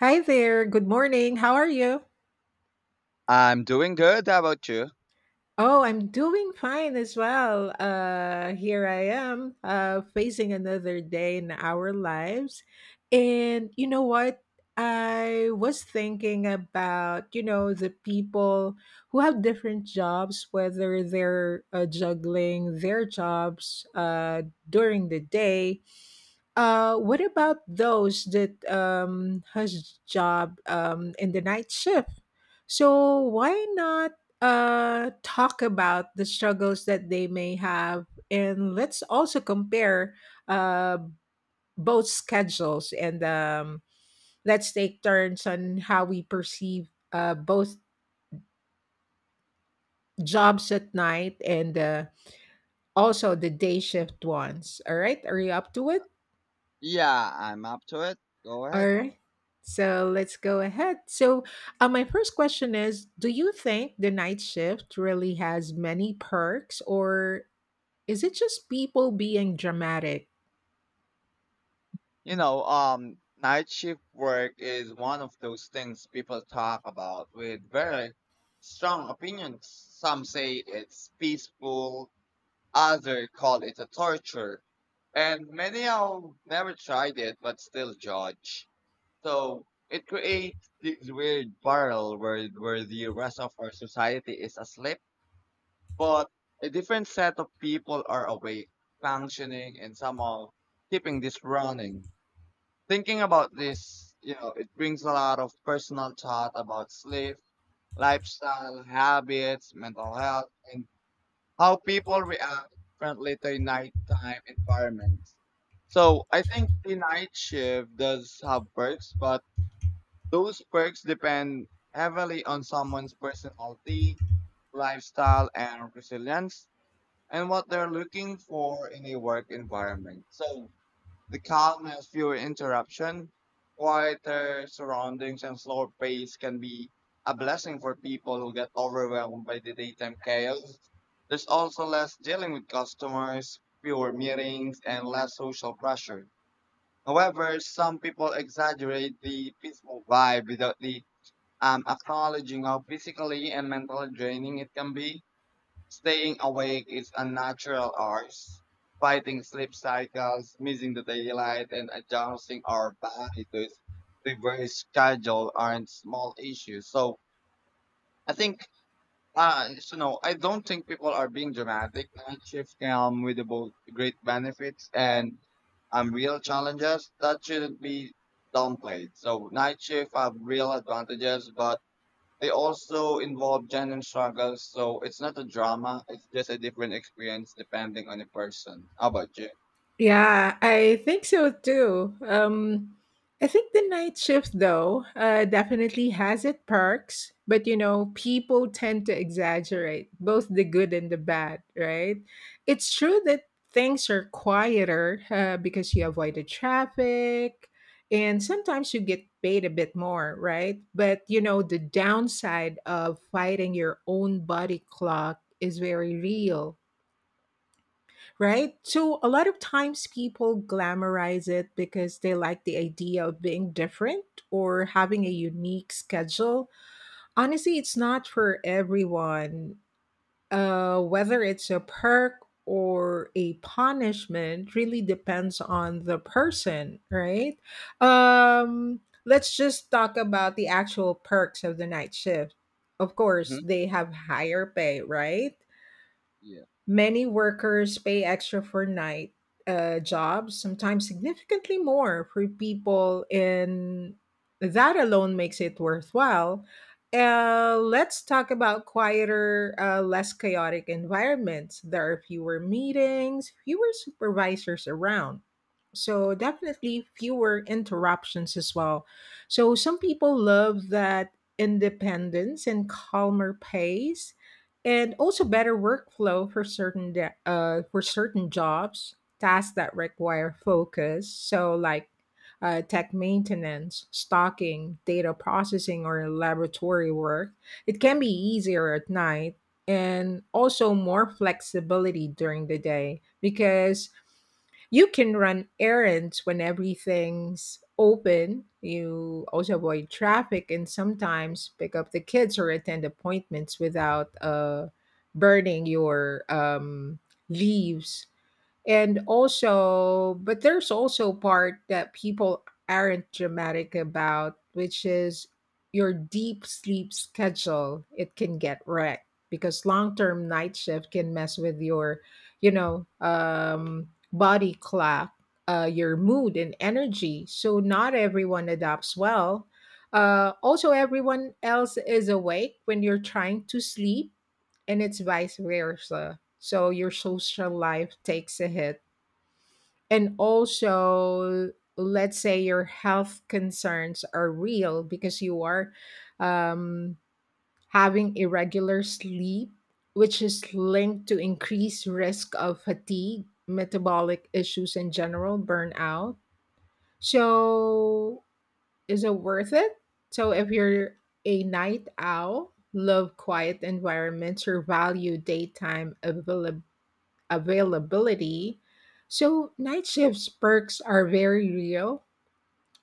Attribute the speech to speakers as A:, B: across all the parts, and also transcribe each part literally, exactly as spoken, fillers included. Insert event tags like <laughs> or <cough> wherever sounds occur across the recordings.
A: Hi there. Good morning. How are you?
B: I'm doing good. How about you?
A: Oh, I'm doing fine as well. Uh, here I am, uh, facing another day in our lives. And you know what? I was thinking about, you know, the people who have different jobs, whether they're uh, juggling their jobs uh, during the day Uh, What about those that um, has job um, in the night shift? So why not uh, talk about the struggles that they may have, and let's also compare uh, both schedules, and um, let's take turns on how we perceive uh, both jobs at night and uh, also the day shift ones. All right, are you up to it?
B: Yeah, I'm up to it. Go
A: All
B: ahead.
A: right. So let's go ahead. So, uh, my first question is, do you think the night shift really has many perks, or is it just people being dramatic?
B: You know, um, night shift work is one of those things people talk about with very strong opinions. Some say it's peaceful, others call it a torture, and many have never tried it but still judge. So it creates this weird barrel where where the rest of our society is asleep. But a different set of people are awake, functioning, and somehow keeping this running. Thinking about this, you know, it brings a lot of personal thought about sleep, lifestyle, habits, mental health, and how people react differently to nighttime environments. So I think the night shift does have perks, but those perks depend heavily on someone's personality, lifestyle, and resilience and what they're looking for in a work environment. So the calmness, fewer interruption, quieter surroundings, and slower pace can be a blessing for people who get overwhelmed by the daytime chaos. There's also less dealing with customers, fewer meetings, and less social pressure. However, some people exaggerate the peaceful vibe without the um, acknowledging how physically and mentally draining it can be. Staying awake is unnatural hours, fighting sleep cycles, missing the daylight, and adjusting our body to its reverse schedule aren't small issues. So I think, uh, so no, I don't think people are being dramatic. Night shifts come with the both great benefits and um, real challenges that shouldn't be downplayed. So night shift have real advantages, but they also involve genuine struggles, so it's not a drama. It's just a different experience depending on the person. How about you?
A: Yeah, I think so too. Um, I think the night shift, though, uh, definitely has its perks, but you know, people tend to exaggerate both the good and the bad, right? It's true that things are quieter uh, because you avoid the traffic and sometimes you get paid a bit more, right? But you know, the downside of fighting your own body clock is very real, right? So a lot of times people glamorize it because they like the idea of being different or having a unique schedule. Honestly, it's not for everyone. Uh, whether it's a perk or a punishment really depends on the person, right? Um, let's just talk about the actual perks of the night shift. Of course,
B: Hmm.
A: they have higher pay, right?
B: Yeah.
A: Many workers pay extra for night uh, jobs, sometimes significantly more for people. And that alone makes it worthwhile. Uh, let's talk about quieter, uh, less chaotic environments. There are fewer meetings, fewer supervisors around. So, definitely fewer interruptions as well. So, some people love that independence and calmer pace, and also better workflow for certain de- uh, for certain jobs tasks that require focus, so like uh, tech maintenance, stocking, data processing, or laboratory work, it can be easier at night. And also more flexibility during the day, because you can run errands when everything's open. You also avoid traffic and sometimes pick up the kids or attend appointments without uh, burning your um, leaves. And also, but there's also part that people aren't dramatic about, which is your deep sleep schedule. It can get wrecked, because long-term night shift can mess with your, you know, um, body clock, uh, your mood and energy. So not everyone adopts well. Uh, also, everyone else is awake when you're trying to sleep, and it's vice versa. So your social life takes a hit. And also, let's say your health concerns are real, because you are um, having irregular sleep, which is linked to increased risk of fatigue, metabolic issues, in general burnout. So is it worth it? So if you're a night owl, love quiet environments, or value daytime availability availability. So night shifts perks are very real,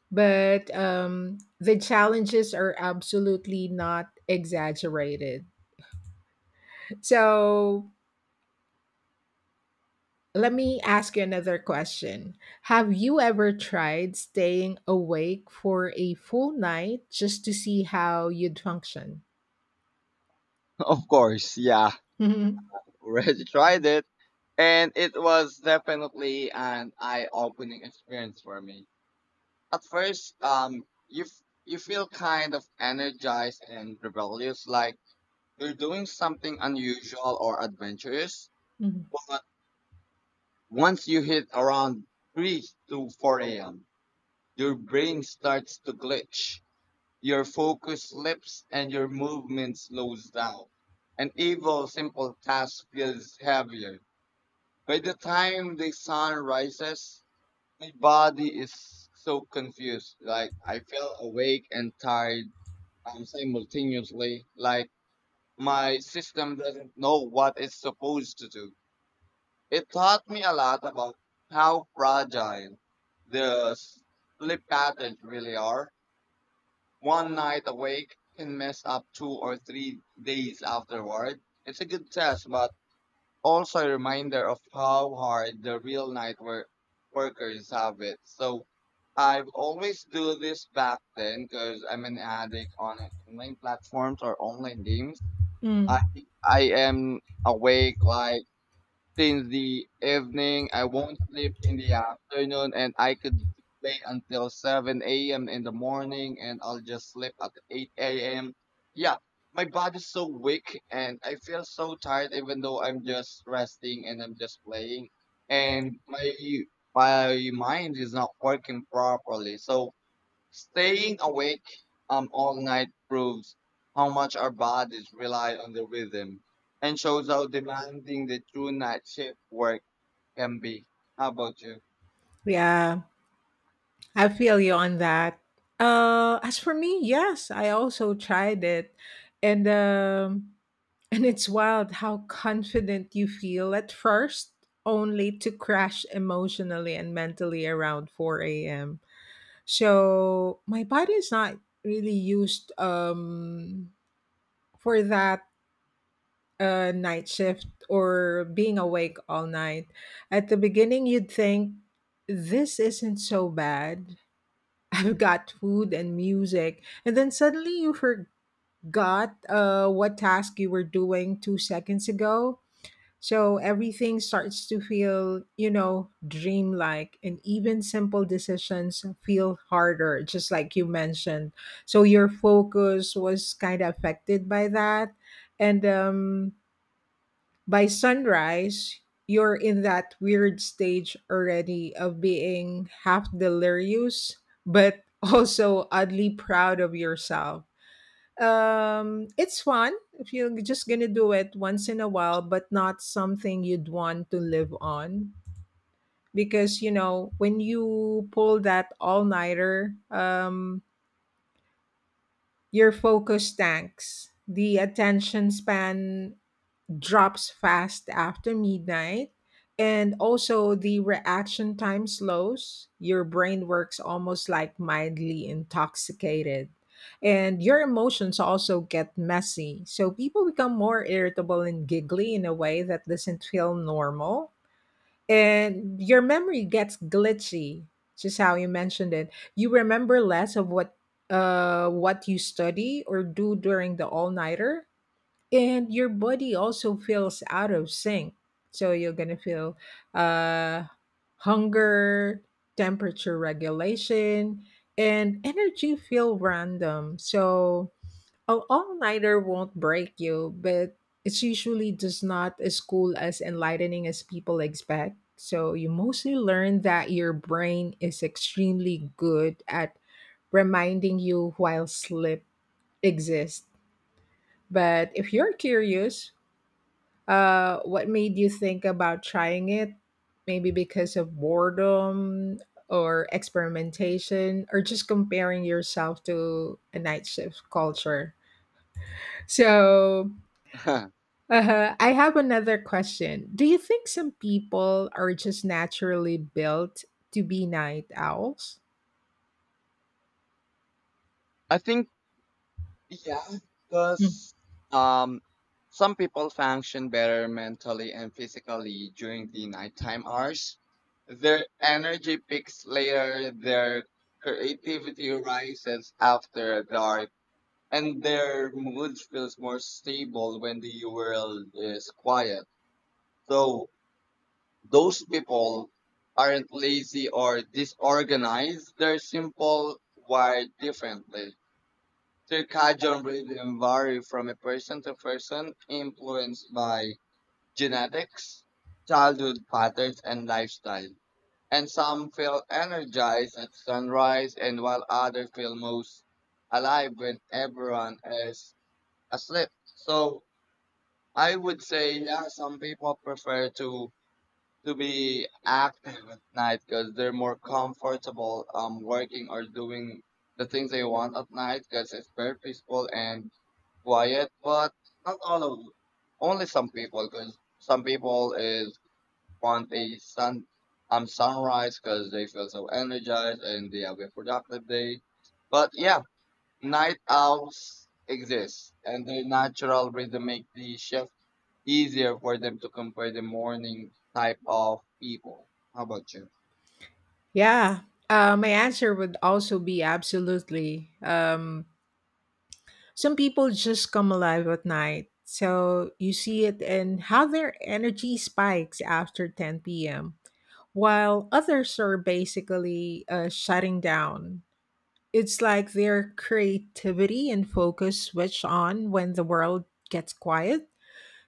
A: but um, the challenges are absolutely not exaggerated. So let me ask you another question. Have you ever tried staying awake for a full night just to see how you'd function?
B: <laughs> Of course. Yeah. <laughs> Already tried it. And it was definitely an eye-opening experience for me. At first, um, you f- you feel kind of energized and rebellious, like you're doing something unusual or adventurous.
A: <laughs>
B: But once you hit around three to four a m, your brain starts to glitch, your focus slips, and your movement slows down. An evil, simple task feels heavier. By the time the sun rises, my body is so confused. Like, I feel awake and tired um, simultaneously. Like, my system doesn't know what it's supposed to do. It taught me a lot about how fragile the sleep patterns really are. One night awake can mess up two or three days afterward. It's a good test, but also a reminder of how hard the real night work workers have it. So I've always do this back then because I'm an addict on online platforms or online games.
A: Mm.
B: I I am awake like since the evening. I won't sleep in the afternoon and I could play until seven a m in the morning and I'll just sleep at eight a m. Yeah, my body's so weak and I feel so tired even though I'm just resting and I'm just playing. And my my mind is not working properly. So staying awake um, all night proves how much our bodies rely on the rhythm and shows how demanding the true night shift work can be. How about you?
A: Yeah. I feel you on that. Uh, as for me, yes, I also tried it, and um, and it's wild how confident you feel at first, only to crash emotionally and mentally around four a m. So my body is not really used um, for that, uh, night shift or being awake all night. At the beginning, you'd think, this isn't so bad, I've got food and music. And then suddenly you forgot uh, what task you were doing two seconds ago. So everything starts to feel, you know, dreamlike, and even simple decisions feel harder, just like you mentioned. So your focus was kind of affected by that. And um, By sunrise, you're in that weird stage already of being half delirious, but <laughs> also oddly proud of yourself. Um, it's fun if you're just gonna do it once in a while, but not something you'd want to live on. Because you know, when you pull that all nighter, um, your focus tanks. The attention span drops fast after midnight, and also the reaction time slows, your brain works almost like mildly intoxicated, and your emotions also get messy, so people become more irritable and giggly in a way that doesn't feel normal, and your memory gets glitchy, just how you mentioned it. You remember less of what uh what you study or do during the all-nighter. And your body also feels out of sync, so you're gonna feel uh hunger, temperature regulation, and energy feel random. So an all-nighter won't break you, but it's usually just not as cool as enlightening as people expect. So you mostly learn that your brain is extremely good at reminding you while sleep exists. But if you're curious, uh, what made you think about trying it? Maybe because of boredom or experimentation, or just comparing yourself to a night shift culture. So, uh, I have another question. Do you think some people are just naturally built to be night owls?
B: <laughs> I think, yeah,
A: Mm.
B: because um, some people function better mentally and physically during the nighttime hours. Their energy peaks later, their creativity rises after dark and their mood feels more stable when the world is quiet. So those people aren't lazy or disorganized. They're simple, wired differently. Circadian rhythm vary from a person to person, influenced by genetics, childhood patterns, and lifestyle. And some feel energized at sunrise, and while others feel most alive when everyone is asleep. So I would say yeah, some people prefer to to be active at night because they're more comfortable um working or doing the things they want at night because it's very peaceful and quiet. But not all of only some people because some people is want a sun um sunrise because they feel so energized and they have a productive day. But yeah, night owls exist and their natural rhythmic the shift easier for them to compare the morning type of people. How about you?
A: Yeah. Uh, my answer would also be absolutely. Um, Some people just come alive at night. So you see it in how their energy spikes after ten p m, while others are basically uh, shutting down. It's like their creativity and focus switch on when the world gets quiet.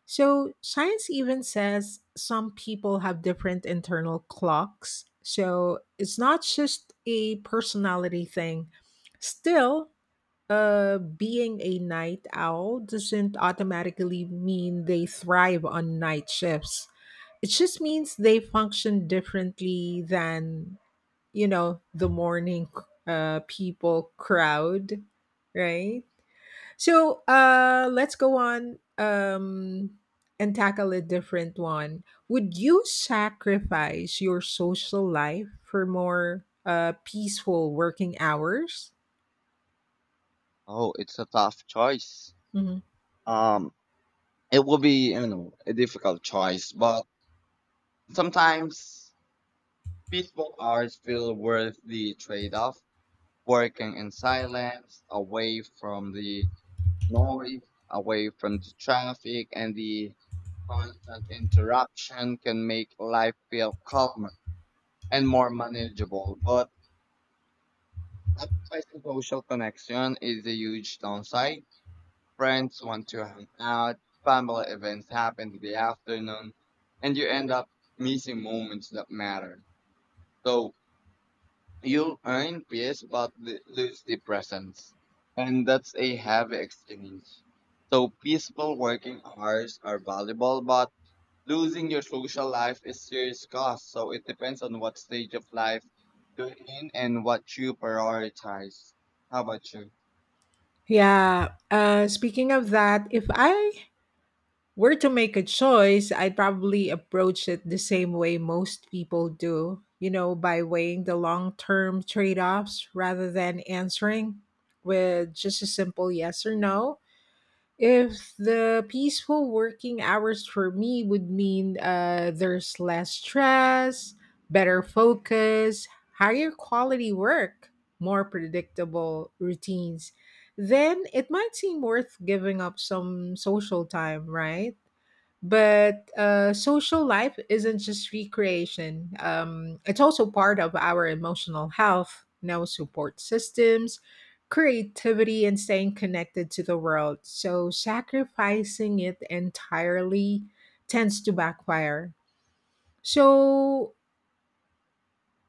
A: So science even says some people have different internal clocks. So it's not just a personality thing. Still, uh, being a night owl doesn't automatically mean they thrive on night shifts. It just means they function differently than, you know, the morning uh, people crowd, right? So uh, let's go on um, and tackle a different one. Would you sacrifice your social life for more uh, peaceful working hours?
B: Oh, it's a tough choice.
A: Mhm.
B: Um, it will be, you know, a difficult choice, but sometimes peaceful hours feel worth the trade off. Working in silence, away from the noise, away from the traffic, and the constant interruption can make life feel calmer and more manageable. But sacrificing social connection is a huge downside. Friends want to hang out, family events happen in the afternoon, and you end up missing moments that matter. So you'll earn peace but l- lose the presence. And that's a heavy exchange. So peaceful working hours are valuable, but losing your social life is serious cost. So it depends on what stage of life you're in and what you prioritize. How about you?
A: Yeah. Uh, speaking of that, if I were to make a choice, I'd probably approach it the same way most people do, you know, by weighing the long term trade offs rather than answering with just a simple yes or no. If the peaceful working hours for me would mean uh, there's less stress, better focus, higher quality work, more predictable routines, then it might seem worth giving up some social time, right? But uh, social life isn't just recreation, um, it's also part of our emotional health, no support systems, creativity, and staying connected to the world. So, sacrificing it entirely tends to backfire. So,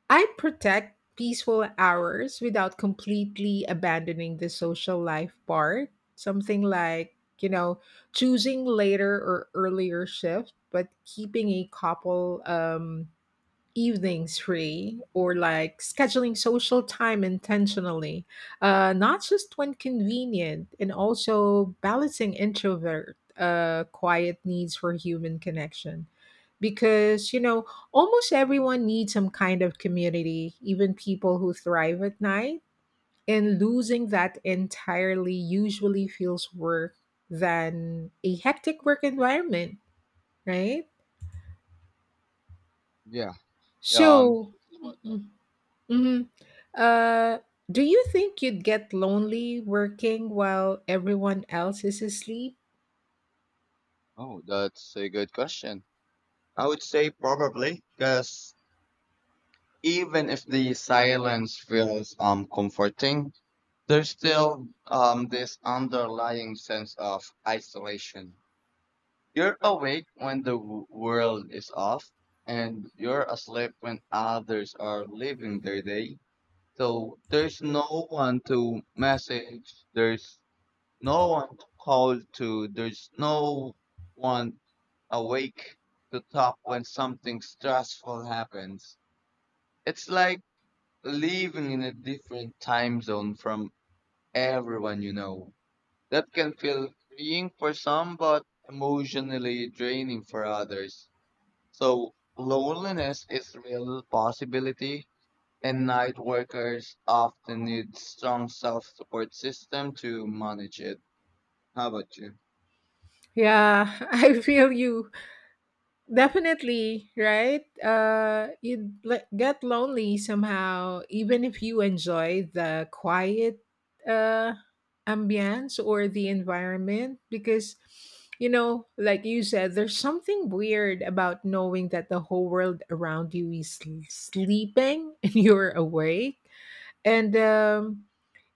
A: I protect peaceful hours without completely abandoning the social life part. Something like, you know, choosing later or earlier shift, but keeping a couple um evenings free, or like scheduling social time intentionally, uh, not just when convenient, and also balancing introvert uh, quiet needs for human connection. Because, you know, almost everyone needs some kind of community, even people who thrive at night. And losing that entirely usually feels worse than a hectic work environment, right?
B: Yeah. Um.
A: So,
B: About that?
A: mhm. Uh, do you think you'd get lonely working while everyone else is asleep?
B: Oh, that's a good question. I would say probably because even if the silence feels um comforting, there's still um this underlying sense of isolation. You're awake when the w- world is off, and you're asleep when others are living their day. So there's no one to message. There's no one to call to, there's no one awake to talk when something stressful happens. It's like living in a different time zone from everyone you know. That can feel freeing for some, but emotionally draining for others. So, loneliness is real possibility, and night workers often need strong self-support system to manage it. How about you?
A: Yeah, <laughs> I feel you. Definitely, right? Uh, you'd le- get lonely somehow, even if you enjoy the quiet uh, ambience or the environment, because, you know, like you said, there's something weird about knowing that the whole world around you is l- sleeping <laughs> and you're awake. And um,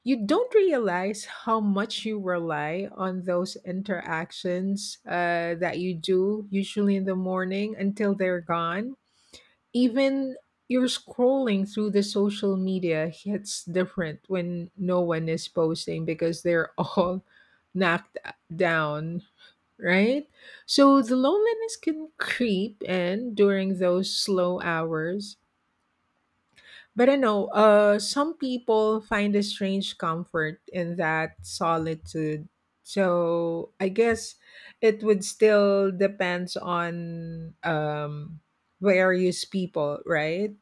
A: you don't realize how much you rely on those interactions uh, that you do, usually in the morning, until they're gone. Even you're scrolling through the social media hits different when no one is posting because they're all <laughs> knocked down, right? So the loneliness can creep in during those slow hours, but I know uh, some people find a strange comfort in that solitude. So I guess it would still depends on um, various people, right?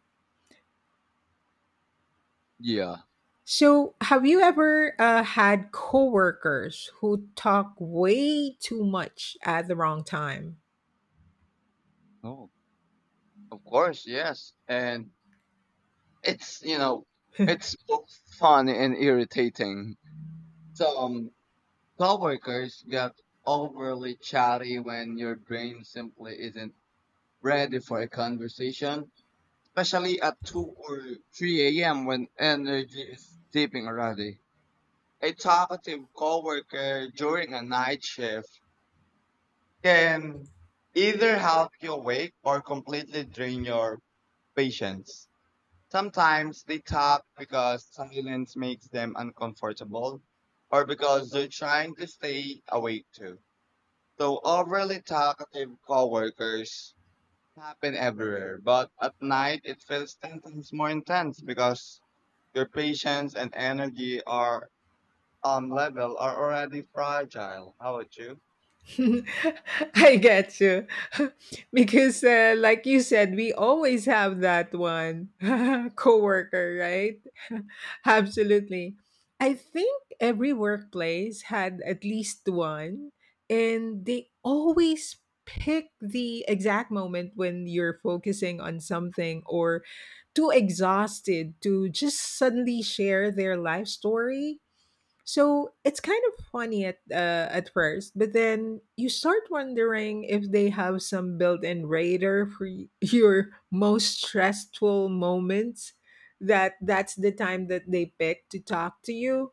B: Yeah.
A: So have you ever uh, had coworkers who talk way too much at the wrong time?
B: Oh, of course, yes. And it's, you know,
A: <laughs>
B: it's both fun and irritating. Some coworkers get overly chatty when your brain simply isn't ready for a conversation, especially at two or three a m when energy is dipping already. A talkative coworker during a night shift can either help you awake or completely drain your patience. Sometimes they talk because silence makes them uncomfortable or because they're trying to stay awake too. So overly talkative coworkers happen everywhere, but at night it feels ten times more intense because your patience and energy are um level are already fragile. How about you?
A: <laughs> I get you. <laughs> Because, uh, like you said, we always have that one <laughs> coworker, right? <laughs> Absolutely. I think every workplace had at least one, and they always pick the exact moment when you're focusing on something or too exhausted to just suddenly share their life story. So it's kind of funny at uh, at first, but then you start wondering if they have some built-in radar for y- <laughs> your most stressful moments. That that's the time that they pick to talk to you.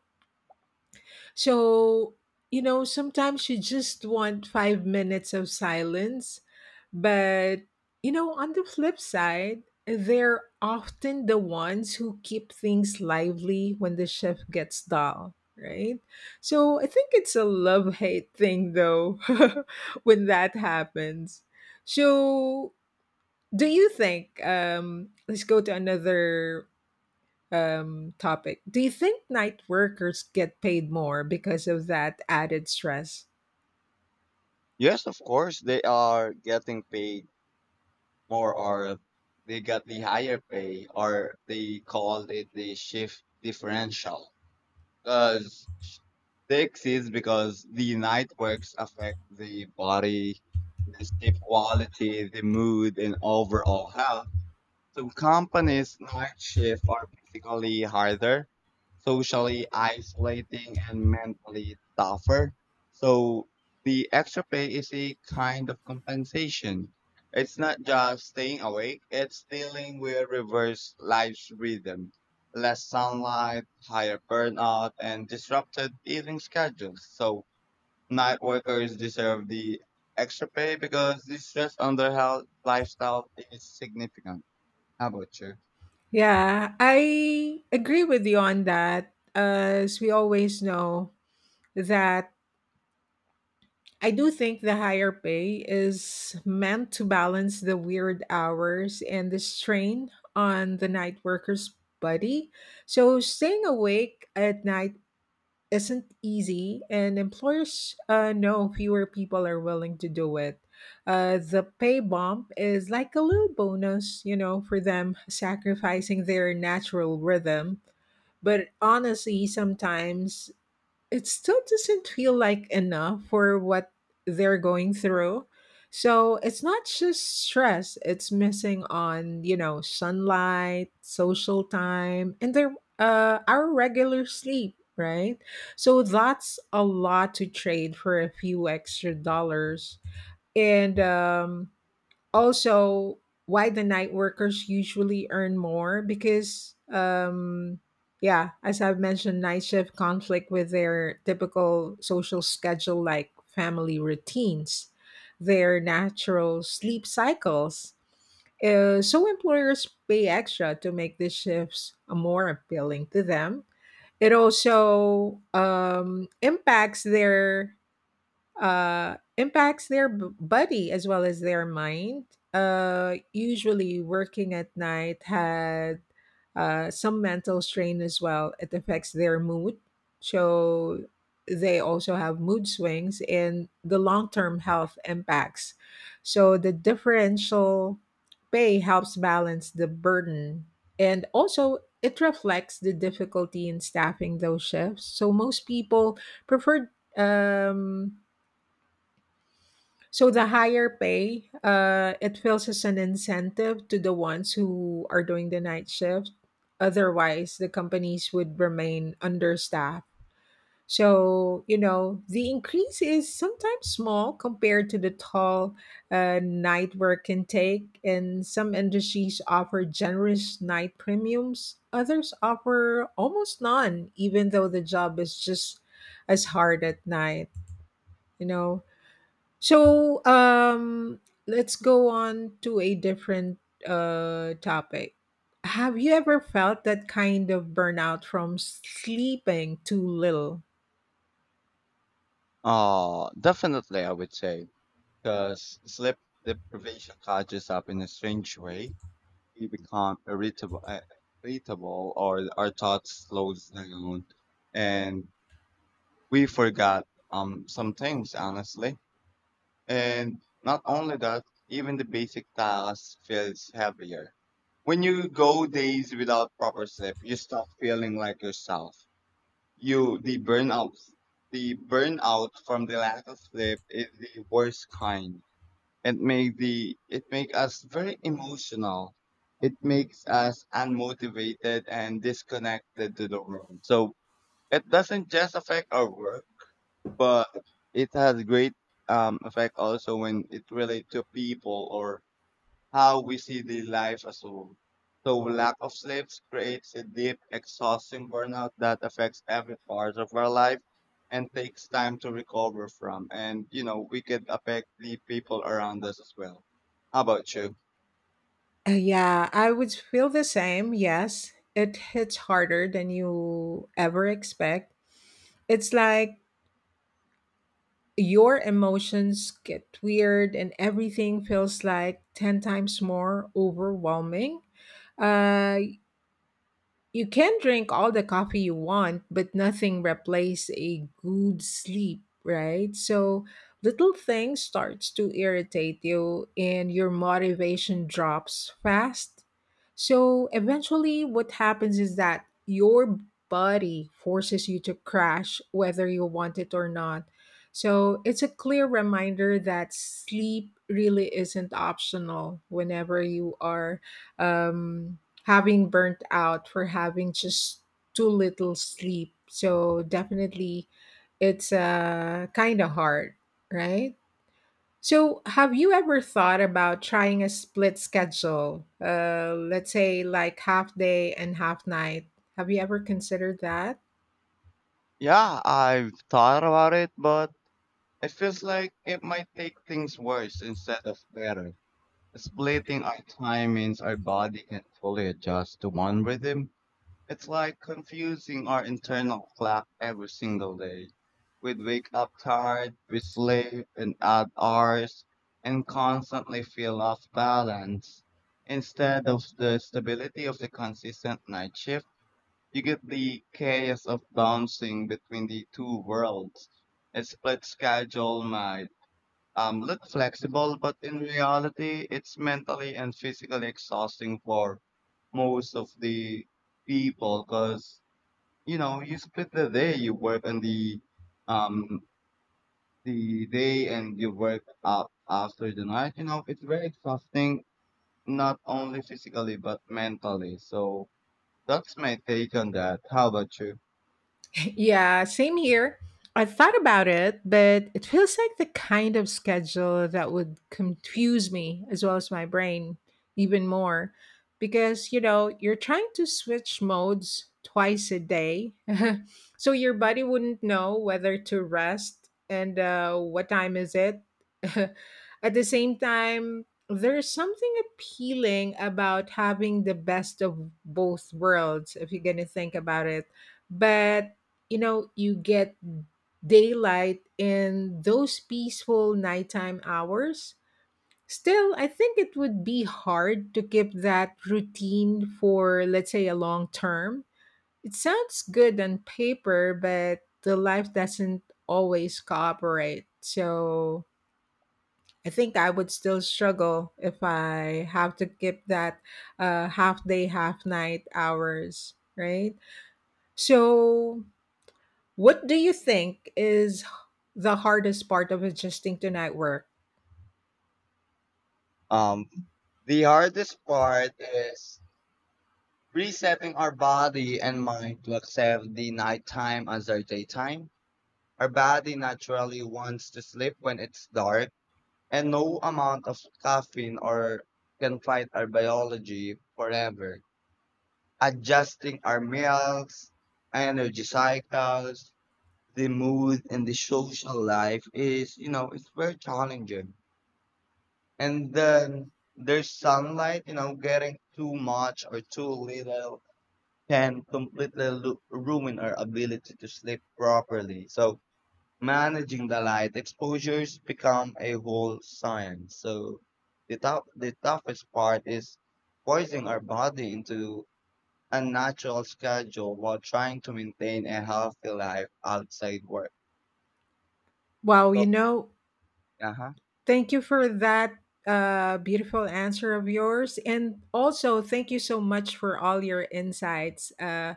A: So, you know, sometimes you just want five minutes of silence. But, you know, on the flip side, they're often the ones who keep things lively when the shift gets dull, right? So I think it's a love hate thing, though, <laughs> when that happens. So, do you think, um, let's go to another um, topic. Do you think night workers get paid more because of that added stress?
B: Yes, of course, they are getting paid more or they got the higher pay or they called it the shift differential because they exist because the night works affect the body the sleep quality the mood and overall health so companies night shift are physically harder, socially isolating, and mentally tougher. So the extra pay is a kind of compensation. It's not just staying awake, it's dealing with reverse life's rhythm. Less sunlight, higher burnout, and disrupted evening schedules. So night workers deserve the extra pay because the stress on their health lifestyle is significant. How about you?
A: Yeah, I agree with you on that. Uh, As we always know, that I do think the higher pay is meant to balance the weird hours and the strain on the night worker's body. So staying awake at night isn't easy, and employers uh, know fewer people are willing to do it. Uh, the pay bump is like a little bonus, you know, for them sacrificing their natural rhythm. But honestly, sometimes it still doesn't feel like enough for what they're going through. So it's not just stress, it's missing on, you know, sunlight, social time, and their uh our regular sleep, right? So that's a lot to trade for a few extra dollars. And um also, why the night workers usually earn more because um yeah, as I've mentioned, night shift conflict with their typical social schedule like family routines, their natural sleep cycles. Uh, so employers pay extra to make the shifts more appealing to them. It also um, impacts their uh, impacts their b- body as well as their mind. Uh, usually, working at night had uh, some mental strain as well. It affects their mood. So, they also have mood swings and the long term health impacts. So, the differential pay helps balance the burden and also it reflects the difficulty in staffing those shifts. So, most people prefer um, so the higher pay, uh, it feels as an incentive to the ones who are doing the night shift. Otherwise, the companies would remain understaffed. So, you know, the increase is sometimes small compared to the toll uh, night work can take. And some industries offer generous night premiums, others offer almost none, even though the job is just as hard at night, you know. So um, let's go on to a different uh, topic. Have you ever felt that kind of burnout from sleeping too little?
B: Oh, definitely, I would say, because sleep deprivation catches up in a strange way. We become irritable, uh, irritable, or our thoughts slows down, and we forgot um some things, honestly. And not only that, even the basic tasks feels heavier. When you go days without proper sleep, you stop feeling like yourself. You the burnout The burnout from the lack of sleep is the worst kind. It make the it make us very emotional. It makes us unmotivated and disconnected to the world. So it doesn't just affect our work, but it has great um, effect also when it relates to people or how we see the life as a whole. So lack of sleep creates a deep, exhausting burnout that affects every part of our life and takes time to recover from. And you know, we could affect the people around us as well. How about you?
A: Uh, yeah, I would feel the same. Yes, it hits harder than you ever expect. It's like your emotions get weird and everything feels like ten times more overwhelming. Uh, You can drink all the coffee you want, but nothing replaces a good sleep, right? So little things starts to irritate you and your motivation drops fast. So eventually what happens is that your body forces you to crash whether you want it or not. So it's a clear reminder that sleep really isn't optional whenever you are um having burnt out for having just too little sleep. So definitely it's uh kind of hard, right? So have you ever thought about trying a split schedule? Uh let's say like half day and half night. Have you ever considered that?
B: Yeah, I've thought about it, but it feels like it might take things worse instead of better. Splitting our time means our body can not fully adjust to one rhythm. It's like confusing our internal clock every single day. We'd wake up tired, we sleep in odd hours, and constantly feel off balance. Instead of the stability of the consistent night shift, you get the chaos of bouncing between the two worlds. A split schedule might um, look flexible, but in reality, it's mentally and physically exhausting for most of the people because you know you split the day you work and the um the day and you work up after the night, you know it's very exhausting not only physically but mentally. So that's my take on that. How about you?
A: Yeah, same here. I thought about it, but it feels like the kind of schedule that would confuse me as well as my brain even more because, you know, you're trying to switch modes twice a day. <laughs> So your body wouldn't know whether to rest and uh, what time is it. <laughs> At the same time, there's something appealing about having the best of both worlds if you're going to think about it. But you know, you get daylight in those peaceful nighttime hours. Still, I think it would be hard to keep that routine for, let's say, a long term. It sounds good on paper, but the life doesn't always cooperate. So I think I would still struggle if I have to keep that uh, half day half night hours, right? So what do you think is the hardest part of adjusting to night work?
B: um the hardest part is resetting our body and mind to accept the nighttime as our daytime. Our body naturally wants to sleep when it's dark, and no amount of caffeine or can fight our biology forever. Adjusting our meals, energy cycles, the mood and the social life is, you know, it's very challenging. And then there's sunlight, you know, getting too much or too little can completely lu- ruin our ability to sleep properly. So managing the light exposures become a whole science. So the tough, the toughest part is forcing our body into a natural schedule while trying to maintain a healthy life outside work.
A: Wow,
B: So,
A: you know,
B: uh-huh.
A: thank you for that uh, beautiful answer of yours. And also, thank you so much for all your insights uh,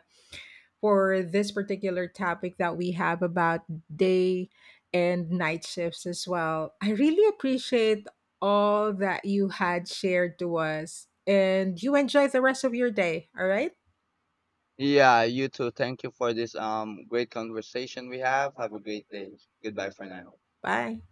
A: for this particular topic that we have about day and night shifts as well. I really appreciate all that you had shared to us. And you enjoy the rest of your day, all right?
B: Yeah, you too. Thank you for this um great conversation we have. Have a great day. Goodbye for now.
A: Bye.